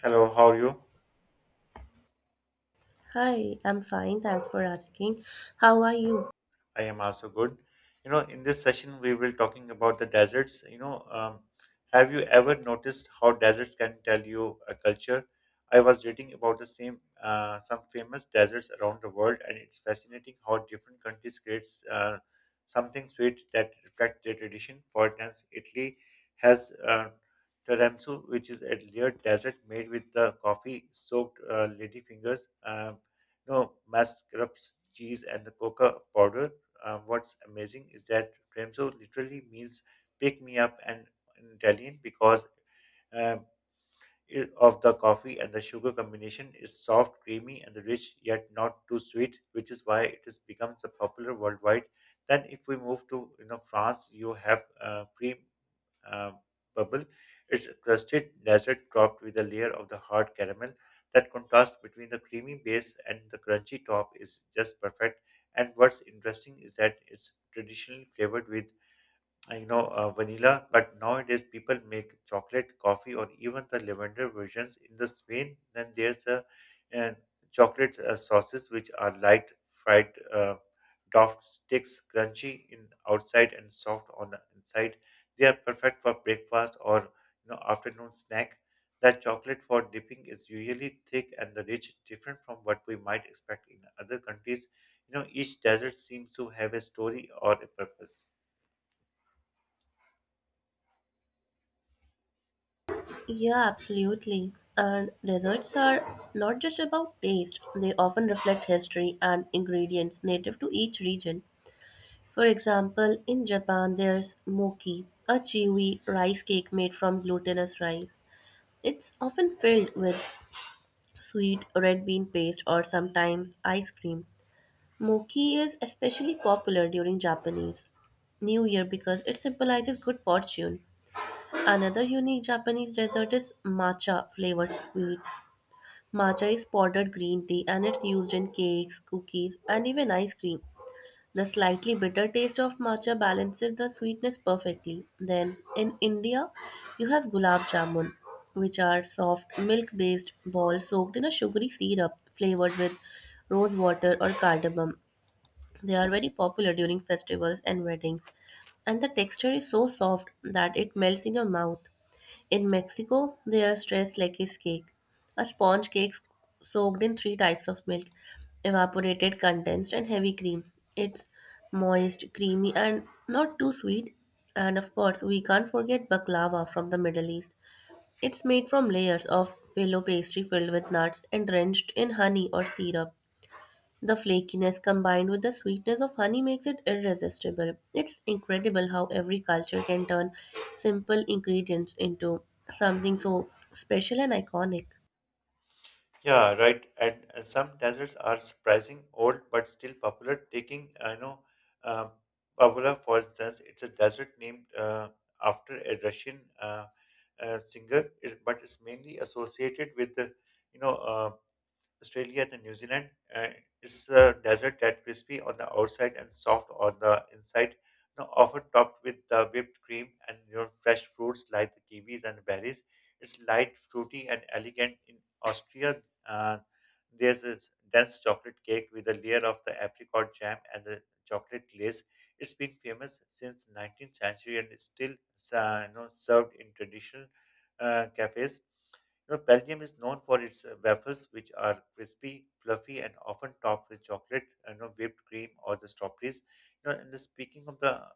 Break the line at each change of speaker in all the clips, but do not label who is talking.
Hello, how are you?
Hi, I'm fine. Thanks for asking. How are you?
I am also good. In this session, we will talking about the deserts. Have you ever noticed how deserts can tell you a culture? I was reading about the same some famous deserts around the world, and it's fascinating how different countries creates something sweet that reflects their tradition. For instance, Italy has tiramisu, which is a layered dessert made with the coffee-soaked lady fingers. No mascarpone cheese and the coca powder what's amazing is that Premzo literally means pick me up and in Italian because um, of the coffee and the sugar combination is soft, creamy, and the rich yet not too sweet, which is why it has become so popular worldwide. Then, if we move to France, you have cream uh, bubble. It's a crusted dessert topped with a layer of the hard caramel. That contrast between the creamy base and the crunchy top is just perfect. And what's interesting is that it's traditionally flavored with I know vanilla, but nowadays people make chocolate, coffee, or even the lavender versions. In the Spain, then there's uh, chocolate sauces which are light fried doffed sticks, crunchy in outside and soft on the inside. They are perfect for breakfast or afternoon snack. That chocolate for dipping is usually thick and the rich, different from what we might expect in other countries. Each dessert seems to have a story or a purpose.
Yeah, absolutely. And desserts are not just about taste, they often reflect history and ingredients native to each region. For example, in Japan, there's mochi, a chewy rice cake made from glutinous rice. It's often filled with sweet red bean paste or sometimes ice cream. Mochi is especially popular during Japanese New Year because it symbolizes good fortune. Another unique Japanese dessert is matcha flavored sweets. Matcha is powdered green tea and it's used in cakes, cookies, and even ice cream. The slightly bitter taste of matcha balances the sweetness perfectly. Then, in India, you have gulab jamun, which are soft milk based balls soaked in a sugary syrup flavored with rose water or cardamom. They are very popular during festivals and weddings, and the texture is so soft that it melts in your mouth. In Mexico, they are dressed like a cake. A sponge cake soaked in three types of milk evaporated, condensed, and heavy cream. It's moist, creamy, and not too sweet. And of course, we can't forget baklava from the Middle East. It's made from layers of filo pastry filled with nuts and drenched in honey or syrup. The flakiness combined with the sweetness of honey makes it irresistible. It's incredible how every culture can turn simple ingredients into something so special and iconic.
Yeah, right. And some deserts are surprising old but still popular. Taking, I know, uh, Pavlova, for instance, it's a desert named after a Russian singer, but it's mainly associated with the, you know, uh, Australia to New Zealand is a desert, that crispy on the outside and soft on the inside, often topped with the whipped cream and fresh fruits like the kiwis and berries. It's light, fruity, and elegant. In Austria, uh, there's this dense chocolate cake with a layer of the apricot jam and the chocolate glaze. It's been famous since 19th century and is still served in traditional cafes. Belgium is known for its waffles, which are crispy, fluffy, and often topped with chocolate, whipped cream or the strawberries. And speaking of the,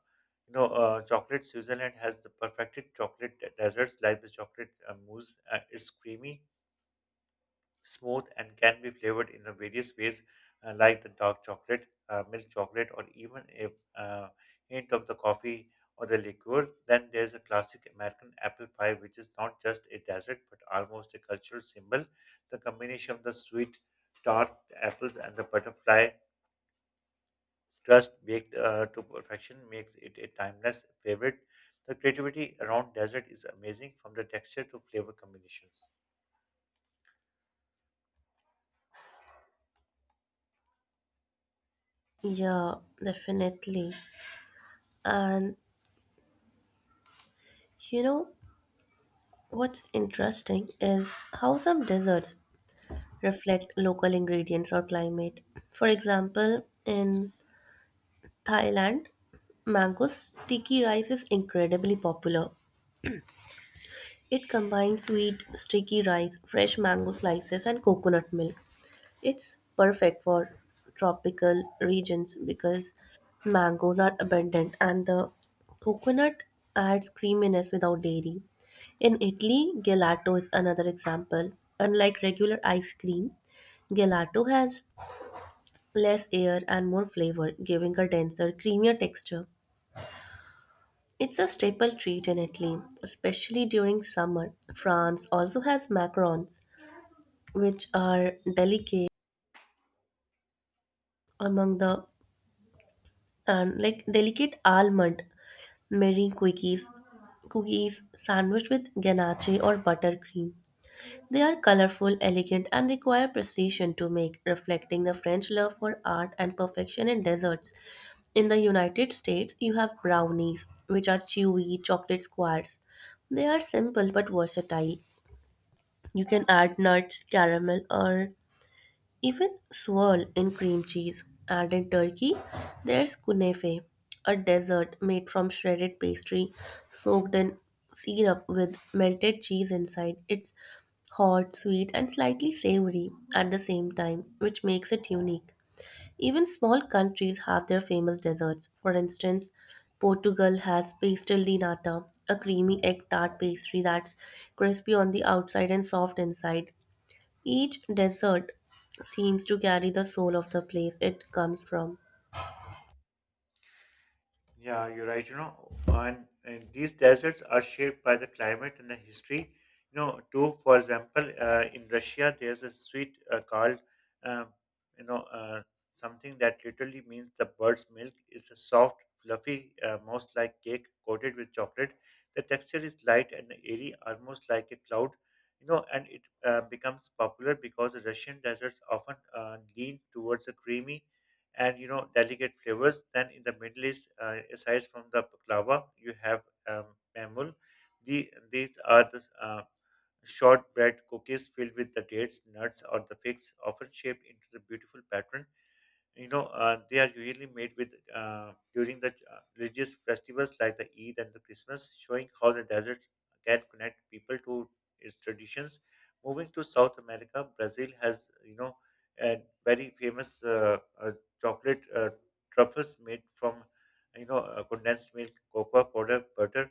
you know, uh, chocolate, Switzerland has the perfected desserts like the chocolate mousse. It's creamy smooth and can be flavored in a various ways, like the dark chocolate, milk chocolate, or even a hint of the coffee or the liqueur. Then there's a classic American apple pie, which is not just a dessert but almost a cultural symbol. The combination of the sweet, tart apples and the butterfly crust baked to perfection makes it a timeless favorite. The creativity around dessert is amazing from the texture to flavor combinations.
Yeah, definitely. And you know what's interesting is how some desserts reflect local ingredients or climate. For example, in Thailand, mango sticky rice is incredibly popular. It combines sweet, sticky rice, fresh mango slices, and coconut milk. It's perfect for tropical regions because mangoes are abundant and the coconut adds creaminess without dairy. In Italy, gelato is another example. Unlike regular ice cream, gelato has less air and more flavor, giving a denser, creamier texture. It's a staple treat in Italy, especially during summer. France also has macarons which are delicate among the and like delicate almond meringue cookies sandwiched with ganache or buttercream. They are colorful, elegant, and require precision to make, reflecting the French love for art and perfection in desserts. In the United States, you have brownies, which are chewy chocolate squares. They are simple but versatile. You can add nuts, caramel, or even swirl in cream cheese. And in Turkey, there's kunefe, a dessert made from shredded pastry soaked in syrup with melted cheese inside. It's hot, sweet, and slightly savory at the same time, which makes it unique. Even small countries have their famous desserts. For instance, Portugal has pastel de nata, a creamy egg tart pastry that's crispy on the outside and soft inside. Each desert seems to carry the soul of the place it comes from.
Yeah, you're right. And these deserts are shaped by the climate and the history. Too, for example, in Russia, there's a sweet called, um, you know, uh, something that literally means the bird's milk. It's a soft, fluffy, most like cake coated with chocolate. The texture is light and airy, almost like a cloud. And it becomes popular because the Russian deserts often lean towards a creamy and delicate flavors. Then in the Middle East, aside from the baklava, you have um, mamul. These are the shortbread cookies filled with the dates, nuts, or the figs, often shaped into the beautiful pattern. They are usually made with during the religious festivals like the Eid and the Christmas, showing how the desert can connect people to its traditions. Moving to South America, Brazil has a very famous chocolate truffles made from condensed milk, cocoa powder, butter,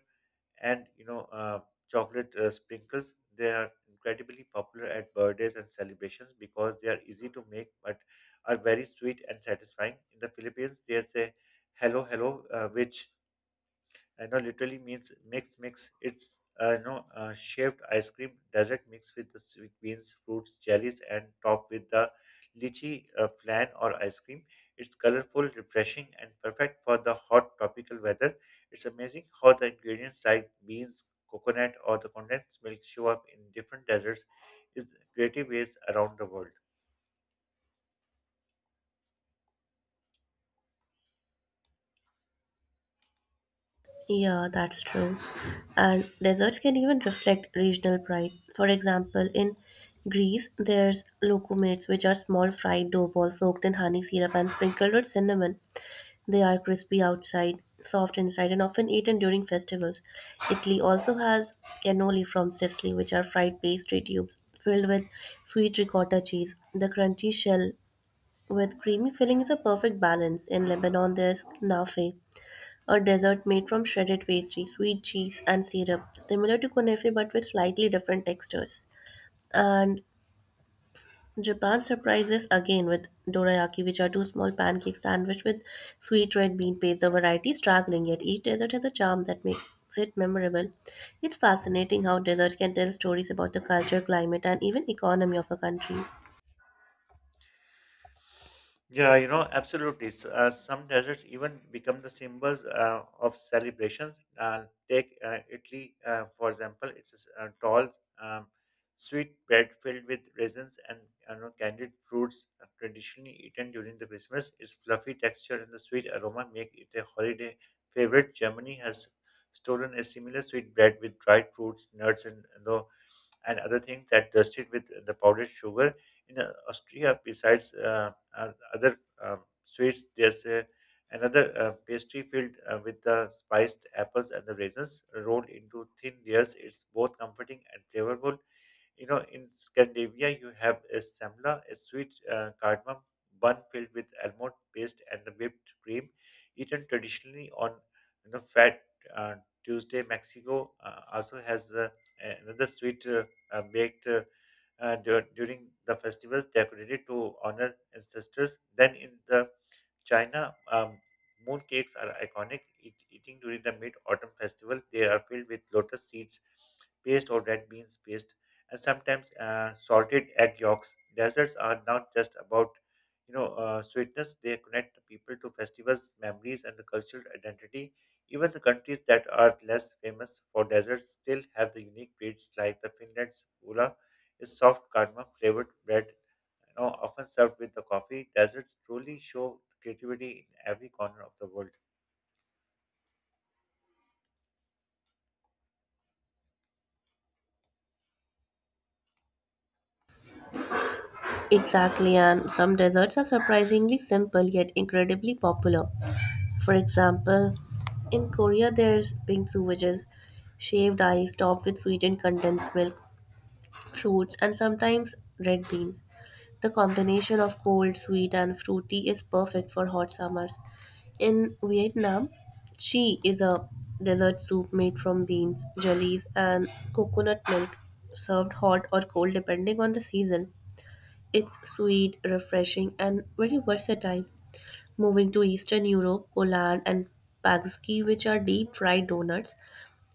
and chocolate sprinkles. They are incredibly popular at birthdays and celebrations because they are easy to make but are very sweet and satisfying. In the Philippines, there's a hello hello, which literally means mix, mix. It's shaped ice cream dessert mixed with the sweet beans, fruits, jellies, and topped with the lychee flan or ice cream. It's colorful, refreshing, and perfect for the hot tropical weather. It's amazing how the ingredients like beans, coconut, or the condensed milk show up in different desserts is creative ways around the world.
Yeah, that's true. And deserts can even reflect regional pride. For example, in Greece, there's loukoumets, which are small fried dough balls soaked in honey syrup and sprinkled with cinnamon. They are crispy outside, soft inside, and often eaten during festivals. Italy also has cannoli from Sicily, which are fried pastry tubes filled with sweet ricotta cheese. The crunchy shell with creamy filling is a perfect balance. In Lebanon, there's knafe, a dessert made from shredded pastry, sweet cheese, and syrup, similar to kunefe but with slightly different textures. And Japan surprises again with dorayaki, which are two small pancakes sandwiched with sweet red bean paste. The variety is staggering, yet each dessert has a charm that makes it memorable. It's fascinating how desserts can tell stories about the culture, climate, and even economy of a country.
Yeah, absolutely. Some deserts even become the symbols of celebrations. Take Italy, for example, it's a tall, um, sweet bread filled with raisins and I don't know, candied fruits, traditionally eaten during the Christmas. Its fluffy texture and the sweet aroma make it a holiday favorite. Germany has stolen a similar sweet bread with dried fruits, nuts, and other things that dusted with the powdered sugar. In Austria, besides other sweets, there's another pastry filled with the spiced apples and the raisins rolled into thin layers. It's both comforting and flavorful. In Scandinavia, you have a semla, a sweet cardamom bun filled with almond paste and the whipped cream, eaten traditionally on Fat uh, Tuesday. Mexico also has another sweet baked during the festivals decorated to honor ancestors. Then in the China, moon cakes are iconic. Eating during the Mid Autumn Festival, they are filled with lotus seeds paste or red beans paste, and sometimes salted egg yolks. Desserts are not just about sweetness; they connect the people to festivals, memories, and the cultural identity. Even the countries that are less famous for desserts still have the unique treats like the Finland's ula, is soft cardamom flavored bread often served with the coffee, deserts truly show creativity in every corner of the world.
Exactly, and some desserts are surprisingly simple yet incredibly popular. For example, in Korea, there's bingsu, which is shaved ice topped with sweetened condensed milk, fruits, and sometimes red beans. The combination of cold, sweet, and fruity is perfect for hot summers. In Vietnam, chi is a dessert soup made from beans, jellies, and coconut milk, served hot or cold depending on the season. It's sweet, refreshing, and very versatile. Moving to Eastern Europe, Poland and Pagski, which are deep fried donuts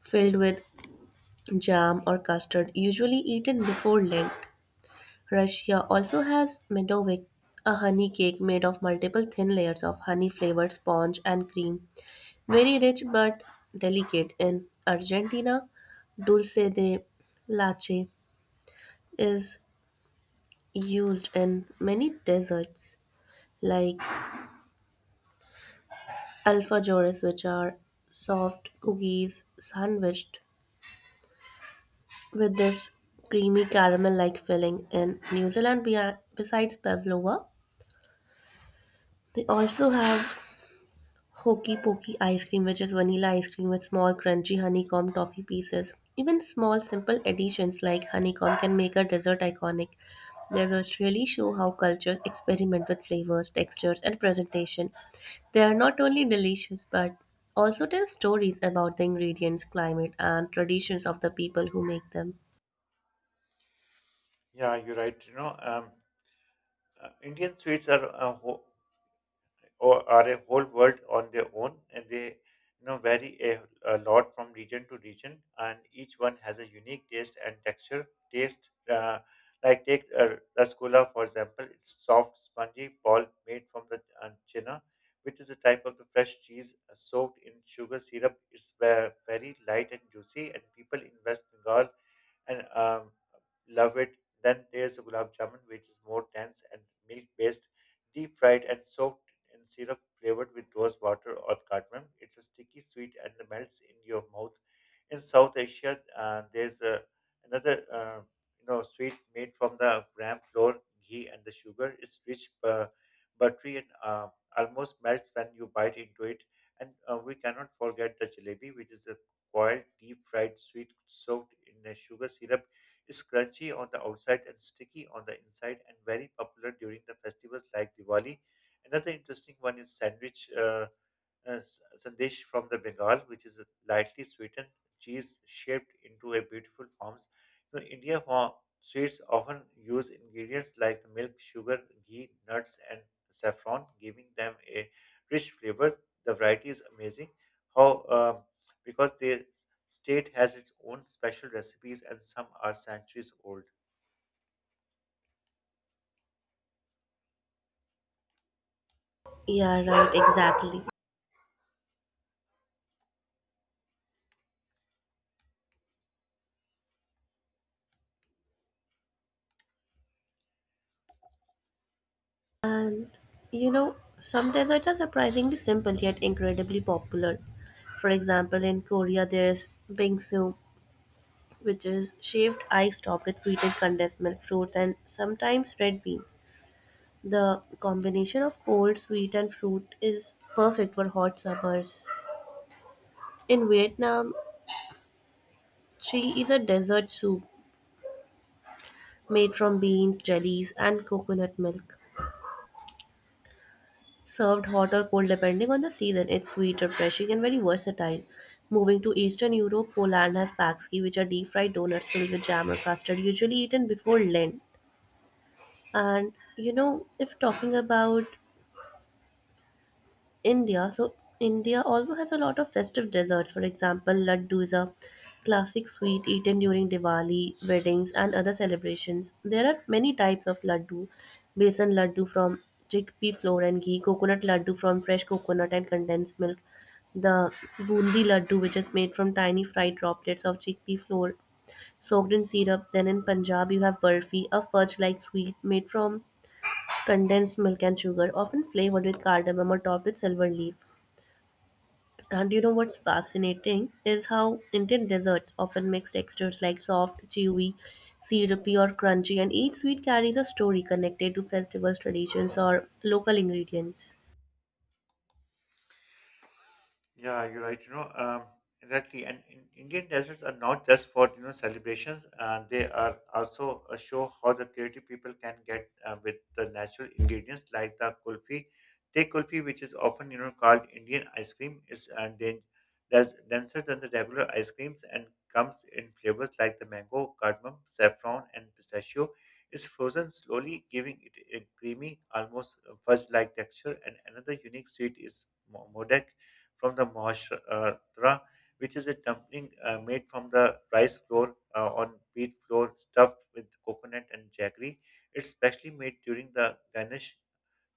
filled with jam or custard, usually eaten before Lent. Russia also has Medovik, a honey cake made of multiple thin layers of honey flavored sponge and cream. Very rich but delicate. In Argentina, dulce de leche is used in many desserts like alfajores, which are soft cookies sandwiched with this creamy caramel like filling. In New Zealand, besides pavlova, they also have Hokey Pokey ice cream, which is vanilla ice cream with small, crunchy honeycomb toffee pieces. Even small, simple additions like honeycomb can make a dessert iconic. Desserts really show how cultures experiment with flavors, textures, and presentation. They are not only delicious but also tell stories about the ingredients, climate, and traditions of the people who make them.
Yeah, you're right. Indian sweets are or are a whole world on their own, and they vary a lot from region to region, and each one has a unique taste and texture. Taste Like take rasgulla for example, it's soft, spongy ball made from the chena, which is a type of the fresh cheese soaked in sugar syrup. It's very light and juicy, and people in West Bengal and love it. Then there's a gulab jamun, which is more dense and milk based, deep fried and soaked in syrup flavored with rose water or cardamom. It's a sticky sweet and it melts in your mouth. In South Asia, there's a, another sweet made from the gram flour, ghee, and the sugar. It's rich, buttery, and almost melts when you bite into it. And we cannot forget the jalebi, which is a coiled, deep fried sweet soaked in a sugar syrup is crunchy on the outside and sticky on the inside and very popular during the festivals like Diwali. Another interesting one is uh, s- sandesh from the Bengal, which is a lightly sweetened cheese shaped into a beautiful forms. India for sweets often use ingredients like the milk, sugar, ghee, nuts, and saffron, giving them a rich flavor. The variety is amazing. How because the state has its own special recipes and some are centuries old.
Yeah, right, exactly. And you know, some desserts are surprisingly simple yet incredibly popular. For example, in Korea, there's bingsu, which is shaved ice topped with sweetened condensed milk, fruits, and sometimes red bean. The combination of cold, sweet, and fruit is perfect for hot summers. In Vietnam, chili is a dessert soup made from beans, jellies, and coconut milk. Served hot or cold depending on the season, it's sweet, refreshing, and very versatile. Moving to Eastern Europe, Poland has pakski, which are deep fried donuts filled with jam or custard, usually eaten before Lent. And you know, if talking about India. So India also has a lot of festive desserts. For example, laddu is a classic sweet eaten during Diwali, weddings, and other celebrations. There are many types of laddu: besan laddu from chickpea flour and ghee, coconut laddu from fresh coconut and condensed milk, the bundi laddu, which is made from tiny fried droplets of chickpea flour soaked in syrup. Then in Punjab, you have burfi, a fudge like sweet made from condensed milk and sugar, often flavored with cardamom or topped with silver leaf. And you know what's fascinating is how Indian desserts often mix textures like soft, chewy, syrupy, or crunchy, and each sweet carries a story connected to festivals, traditions, or local ingredients.
Yeah, you're right. Exactly. And Indian deserts are not just for celebrations. They are also a show how the creative people can get with the natural ingredients like the kulfi. Take kulfi, which is often called Indian ice cream, is that's denser than the regular ice creams and comes in flavors like the mango, cardamom, saffron, and pistachio. It's frozen slowly, giving it a creamy, almost fudge-like texture. And another unique sweet is modak from the Maharashtra, which is a dumpling made from the rice flour on wheat flour stuffed with coconut and jaggery. It's specially made during the Ganesh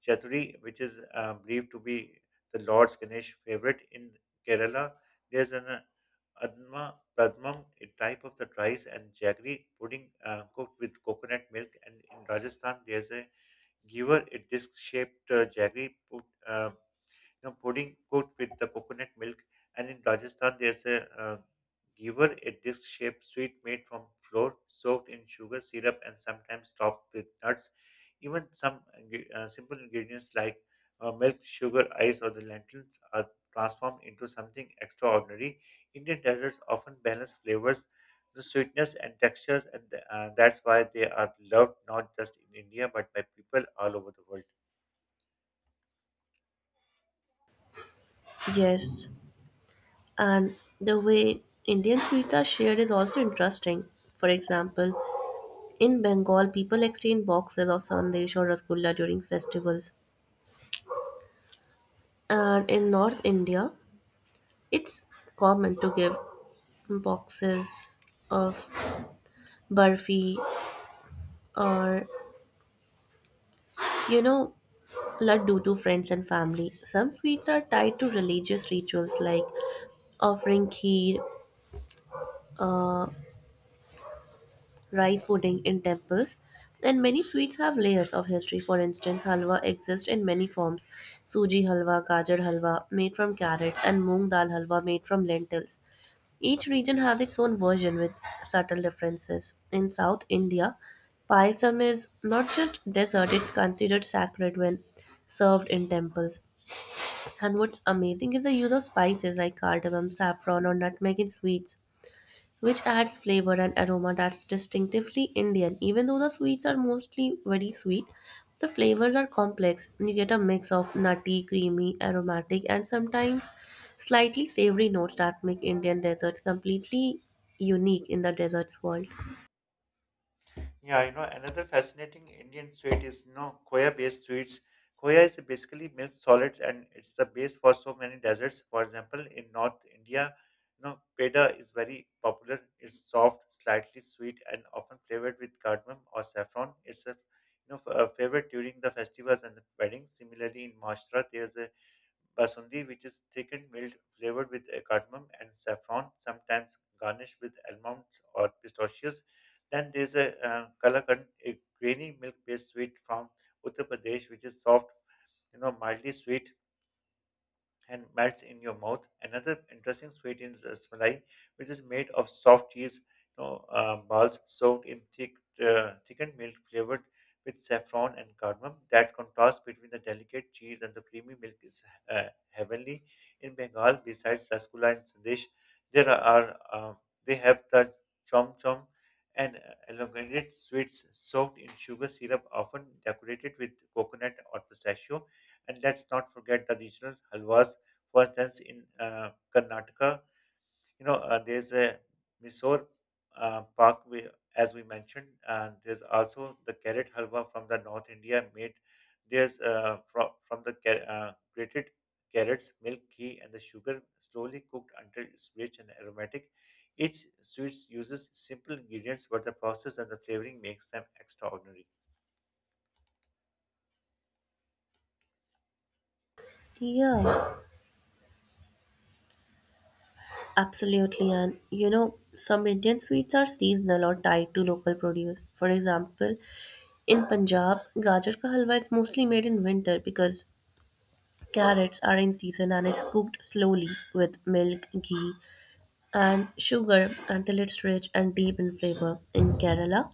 Chaturthi, which is believed to be the Lord's Ganesh favorite in Kerala. There's an Adma Pradmam, a type of the rice and jaggery pudding cooked with coconut milk. And in Rajasthan, there's a giver, a disc shaped jaggery pudding cooked with the coconut milk. And in Rajasthan, there's a giver, a disc-shaped sweet made from flour, soaked in sugar syrup, and sometimes topped with nuts. Even some simple ingredients like milk, sugar, ice, or the lentils are transformed into something extraordinary. Indian desserts often balance flavors, the sweetness, and textures, and that's why they are loved not just in India but by people all over the world.
Yes, and the way Indian sweets are shared is also interesting. For example, in Bengal, people exchange boxes of sandesh or rasgulla during festivals, and in North India, it's common to give boxes of barfi or you know laddu to friends and family. Some sweets are tied to religious rituals like offering kheer, uh, rice pudding in temples, and many sweets have layers of history. For instance, halwa exists in many forms: suji halwa, gajar halwa made from carrots, and moong dal halwa made from lentils. Each region has its own version with subtle differences. In South India, payasam is not just dessert, it's considered sacred when served in temples. And what's amazing is the use of spices like cardamom, saffron, or nutmeg in sweets, which adds flavor and aroma that's distinctively Indian. Even though the sweets are mostly very sweet, the flavors are complex. You get a mix of nutty, creamy, aromatic, and sometimes slightly savory notes that make Indian desserts completely unique in the desserts world.
Yeah, you know, another fascinating Indian sweet is, you know, khoya-based sweets. Khoya is basically milk solids and it's the base for so many desserts. For example, in North India, you know, peda is very popular. It's soft, slightly sweet, and often flavored with cardamom or saffron. It's a, you know, f- A favorite during the festivals and the weddings. Similarly, in Maharashtra, there's a basundi, which is thickened milk flavored with cardamom and saffron, sometimes garnished with almonds or pistachios. Then there's a kalakand, a grainy milk-based sweet from Uttar Pradesh, which is soft, mildly sweet and melts in your mouth. Another interesting sweet is rasmalai, which is made of soft cheese balls soaked in thick, thickened milk flavored with saffron and cardamom. That contrast between the delicate cheese and the creamy milk is uh, heavenly. In Bengal, besides rasgulla and sandesh, there are they have the chom chom and elongated sweets soaked in sugar syrup, often decorated with coconut or pistachio. And let's not forget the regional halwas, for instance, in Karnataka, there's a Mysore Park, as we mentioned, and there's also the carrot halwa from the North India made. There's from, from the grated carrots, milk, ghee, and the sugar slowly cooked until it's rich and aromatic. Each sweets uses simple ingredients, but the process and the flavoring makes them extraordinary.
Yeah, absolutely. And you know, some Indian sweets are seasonal or tied to local produce. For example, in Punjab, gajar ka halwa is mostly made in winter because carrots are in season and is cooked slowly with milk, ghee, and sugar until it's rich and deep in flavor. In Kerala,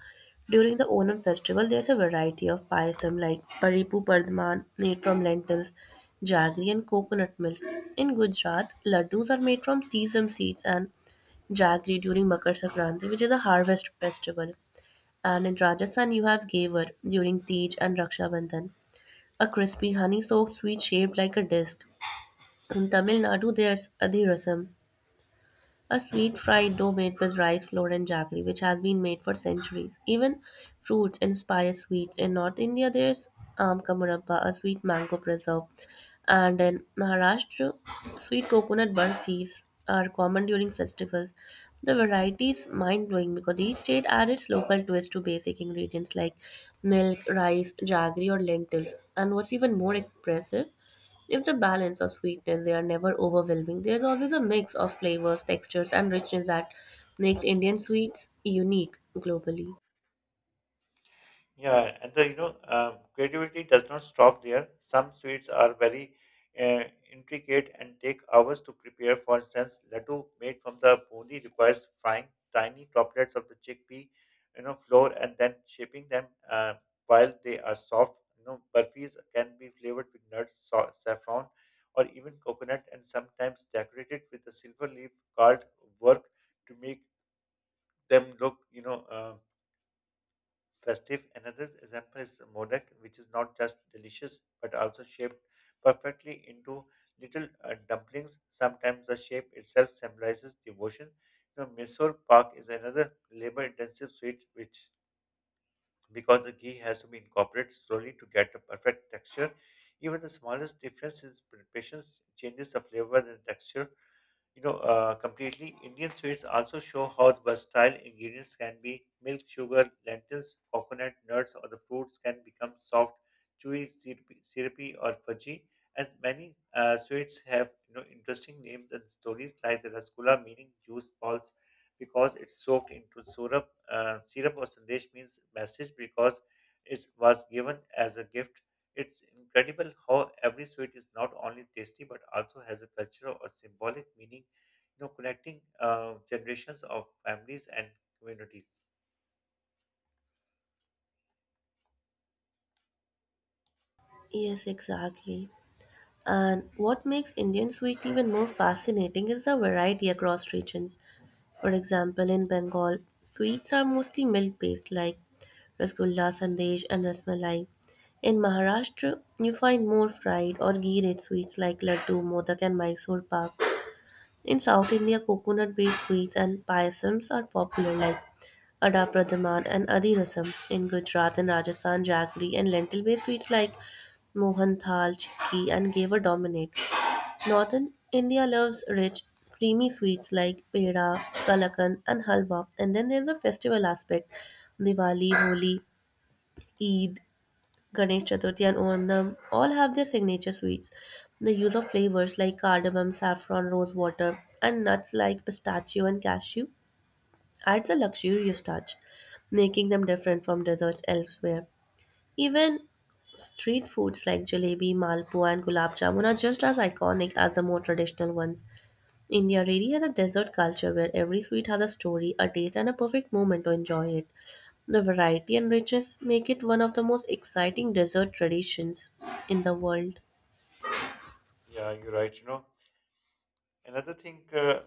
during the Onam festival, there's a variety of payasam like paripu pardman made from lentils, jaggery, and coconut milk. In Gujarat, laddus are made from sesame seeds and jaggery during Makar Sankranti, which is a harvest festival. And in Rajasthan, you have gavar during Tej and Raksha Bandhan, a crispy honey-soaked sweet shaped like a disc. In Tamil Nadu, there's adhirasam, a sweet fried dough made with rice flour and jaggery, which has been made for centuries. Even fruits inspire sweets. In North India, there's amkamurappa, a sweet mango preserve, and in Maharashtra, sweet coconut burfis are common during festivals. The variety is mind blowing because each state adds its local twist to basic ingredients like milk, rice, jaggery, or lentils. And what's even more impressive, it's a balance of sweetness. They are never overwhelming. There's always a mix of flavors, textures, and richness that makes Indian sweets unique globally.
Yeah, and the you know creativity does not stop there. Some sweets are very uh, intricate and take hours to prepare. For instance, laddu made from the bundi requires frying tiny droplets of the chickpea, flour and then shaping them while they are soft. You know, burfis can be flavored with nuts, saffron, or even coconut, and sometimes decorated with a silver leaf called work to make them look, festive. Another example is modak, which is not just delicious but also shaped perfectly into little dumplings. Sometimes the shape itself symbolizes devotion. You know, Mysore Pak is another labor-intensive sweet, which because the ghee has to be incorporated slowly to get the perfect texture. Even the smallest difference in preparations changes the flavor and texture completely. Indian sweets also show how versatile ingredients can be. Milk, sugar, lentils, coconut, nuts, or the fruits can become soft, chewy, syrupy, or fudgy. And many sweets have, you know, interesting names and stories, like the rasgulla meaning juice balls because it's soaked into syrup. Syrup or sandesh means message because it was given as a gift. It's incredible how every sweet is not only tasty but also has a cultural or symbolic meaning, you know, connecting generations of families and communities.
Yes, exactly. And what makes Indian sweets even more fascinating is the variety across regions. For example, in Bengal, sweets are mostly milk based like rasgulla, sandesh, and rasmalai. In Maharashtra, you find more fried or ghee rich sweets like laddu, modak, and Mysore pak. In South India, coconut based sweets and payasams are popular, like Ada Pradhaman and Adi Rasam. In Gujarat and Rajasthan, jaggery and lentil based sweets like Mohan Thal, Chikki, and Geva dominate. Northern India loves rich, creamy sweets like peda, kalakand, and halwa. And then there's a festival aspect: Diwali, Holi, Eid, Ganesh Chaturthi and Onam all have their signature sweets. The use of flavors like cardamom, saffron, rose water, and nuts like pistachio and cashew adds a luxurious touch, making them different from desserts elsewhere. Even street foods like jalebi, malpua, and gulab jamun are just as iconic as the more traditional ones. India really has a desert culture where every sweet has a story, a taste, and a perfect moment to enjoy it. The variety and richness make it one of the most exciting dessert traditions in the world.
Yeah, you're right. You know, another thing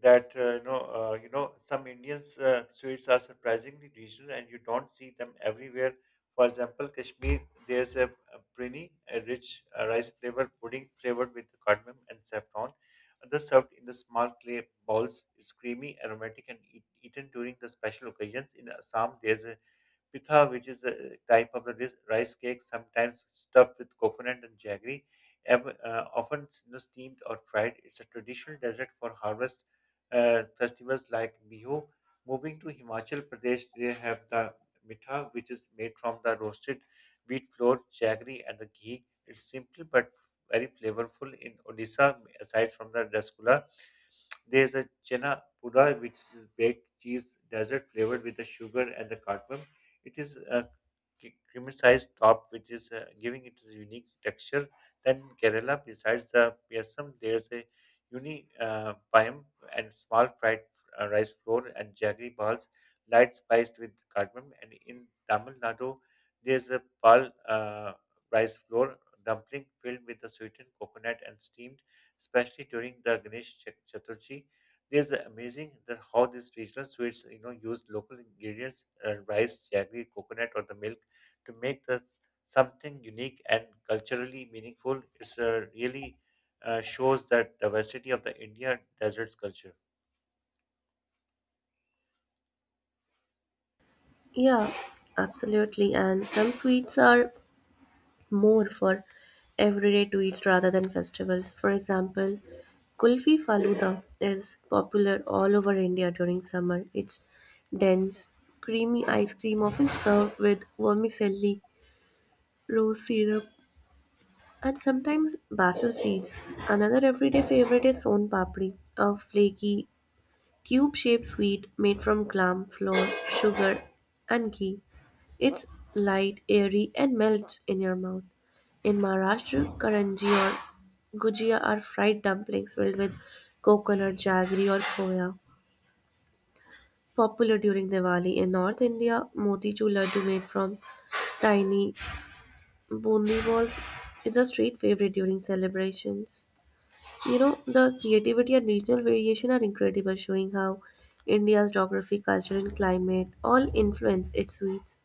that you know, some Indians sweets are surprisingly regional, and you don't see them everywhere. For example, Kashmir, there's a prini, a rich rice flavored pudding flavored with cardamom and saffron. Others served in the small clay bowls. It's creamy, aromatic, and eaten during the special occasions. In Assam, there's a pitha, which is a type of the rice cake, sometimes stuffed with coconut and jaggery, often, you know, steamed or fried. It's a traditional dessert for harvest festivals like Bihu. Moving to Himachal Pradesh, they have the mitha, which is made from the roasted wheat flour, jaggery, and the ghee. It's simple but very flavorful. In Odisha, aside from the rasgulla, there's a chena pura, which is baked cheese dessert flavored with the sugar and the cardamom. It is crematized top, which is giving it a unique texture. Then in Kerala, besides the PSM, there's a uni payam and small fried rice flour and jaggery balls, light spiced with cardamom. And in Tamil Nadu, there's a pal rice flour dumpling filled with the sweetened coconut and steamed, especially during the Chaturthi. There's amazing that how these regional sweets, you know, use local ingredients, rice, jaggery, coconut, or the milk, to make this something unique and culturally meaningful is really shows that diversity of the India deserts culture.
Yeah, absolutely. And some sweets are more for everyday to eat rather than festivals. For example, Kulfi Faluda is popular all over India during summer. It's dense, creamy ice cream often served with vermicelli, rose syrup, and sometimes basil seeds. Another everyday favorite is son papdi, a flaky, cube shaped sweet made from gram flour, sugar, and ghee. It's light, airy, and melts in your mouth. In Maharashtra, karanji or gujia are fried dumplings filled with coconut, jaggery, or khoya. Popular during Diwali in North India, motichur laddu made from tiny bundi was it's a street favorite during celebrations. You know, the creativity and regional variation are incredible, showing how India's geography, culture, and climate all influence its sweets.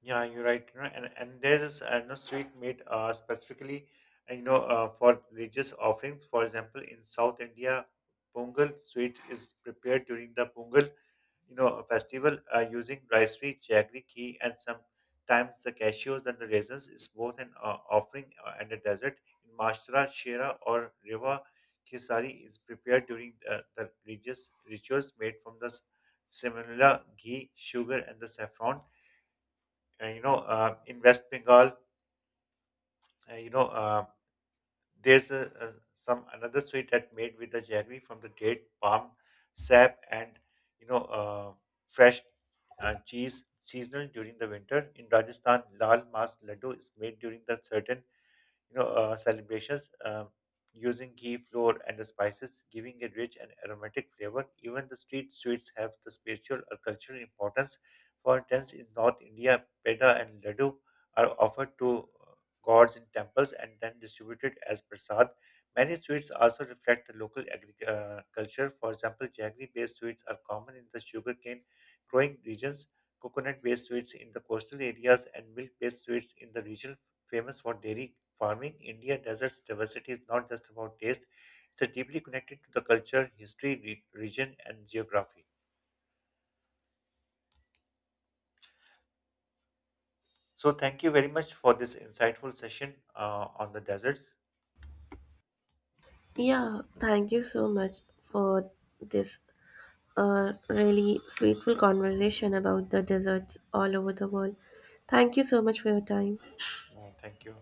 Yeah, you're right. You know, and there is no sweet made specifically, for religious offerings. For example, in South India, Pongal sweet is prepared during the Pongal, you know, festival using ricery, jaggery, ghee, and sometimes the cashews and the raisins is both an offering and a dessert. In Maharashtra, Shira or Rewa, Kesari is prepared during the religious rituals made from the similar ghee, sugar, and the saffron. And, you know, in West Bengal, uh, you know. Uh, there's some another sweet that made with the jaggery from the date palm sap and, you know, fresh cheese seasonal during the winter. In Rajasthan, lal mas laddu is made during the certain, celebrations, using ghee flour and the spices, giving a rich and aromatic flavor. Even the street sweets have the spiritual or cultural importance. For instance, in North India, peda and laddu are offered to uh, gods in temples and then distributed as prasad. Many sweets also reflect the local culture. For example, jaggery-based sweets are common in the sugarcane growing regions, coconut-based sweets in the coastal areas, and milk-based sweets in the regional famous for dairy farming. India desert's diversity is not just about taste, it's a deeply connected to the culture, history, region, and geography. So, thank you very much for this insightful session on the deserts.
Yeah, thank you so much for this really sweetful conversation about the deserts all over the world. Thank you so much for your time.
Thank you.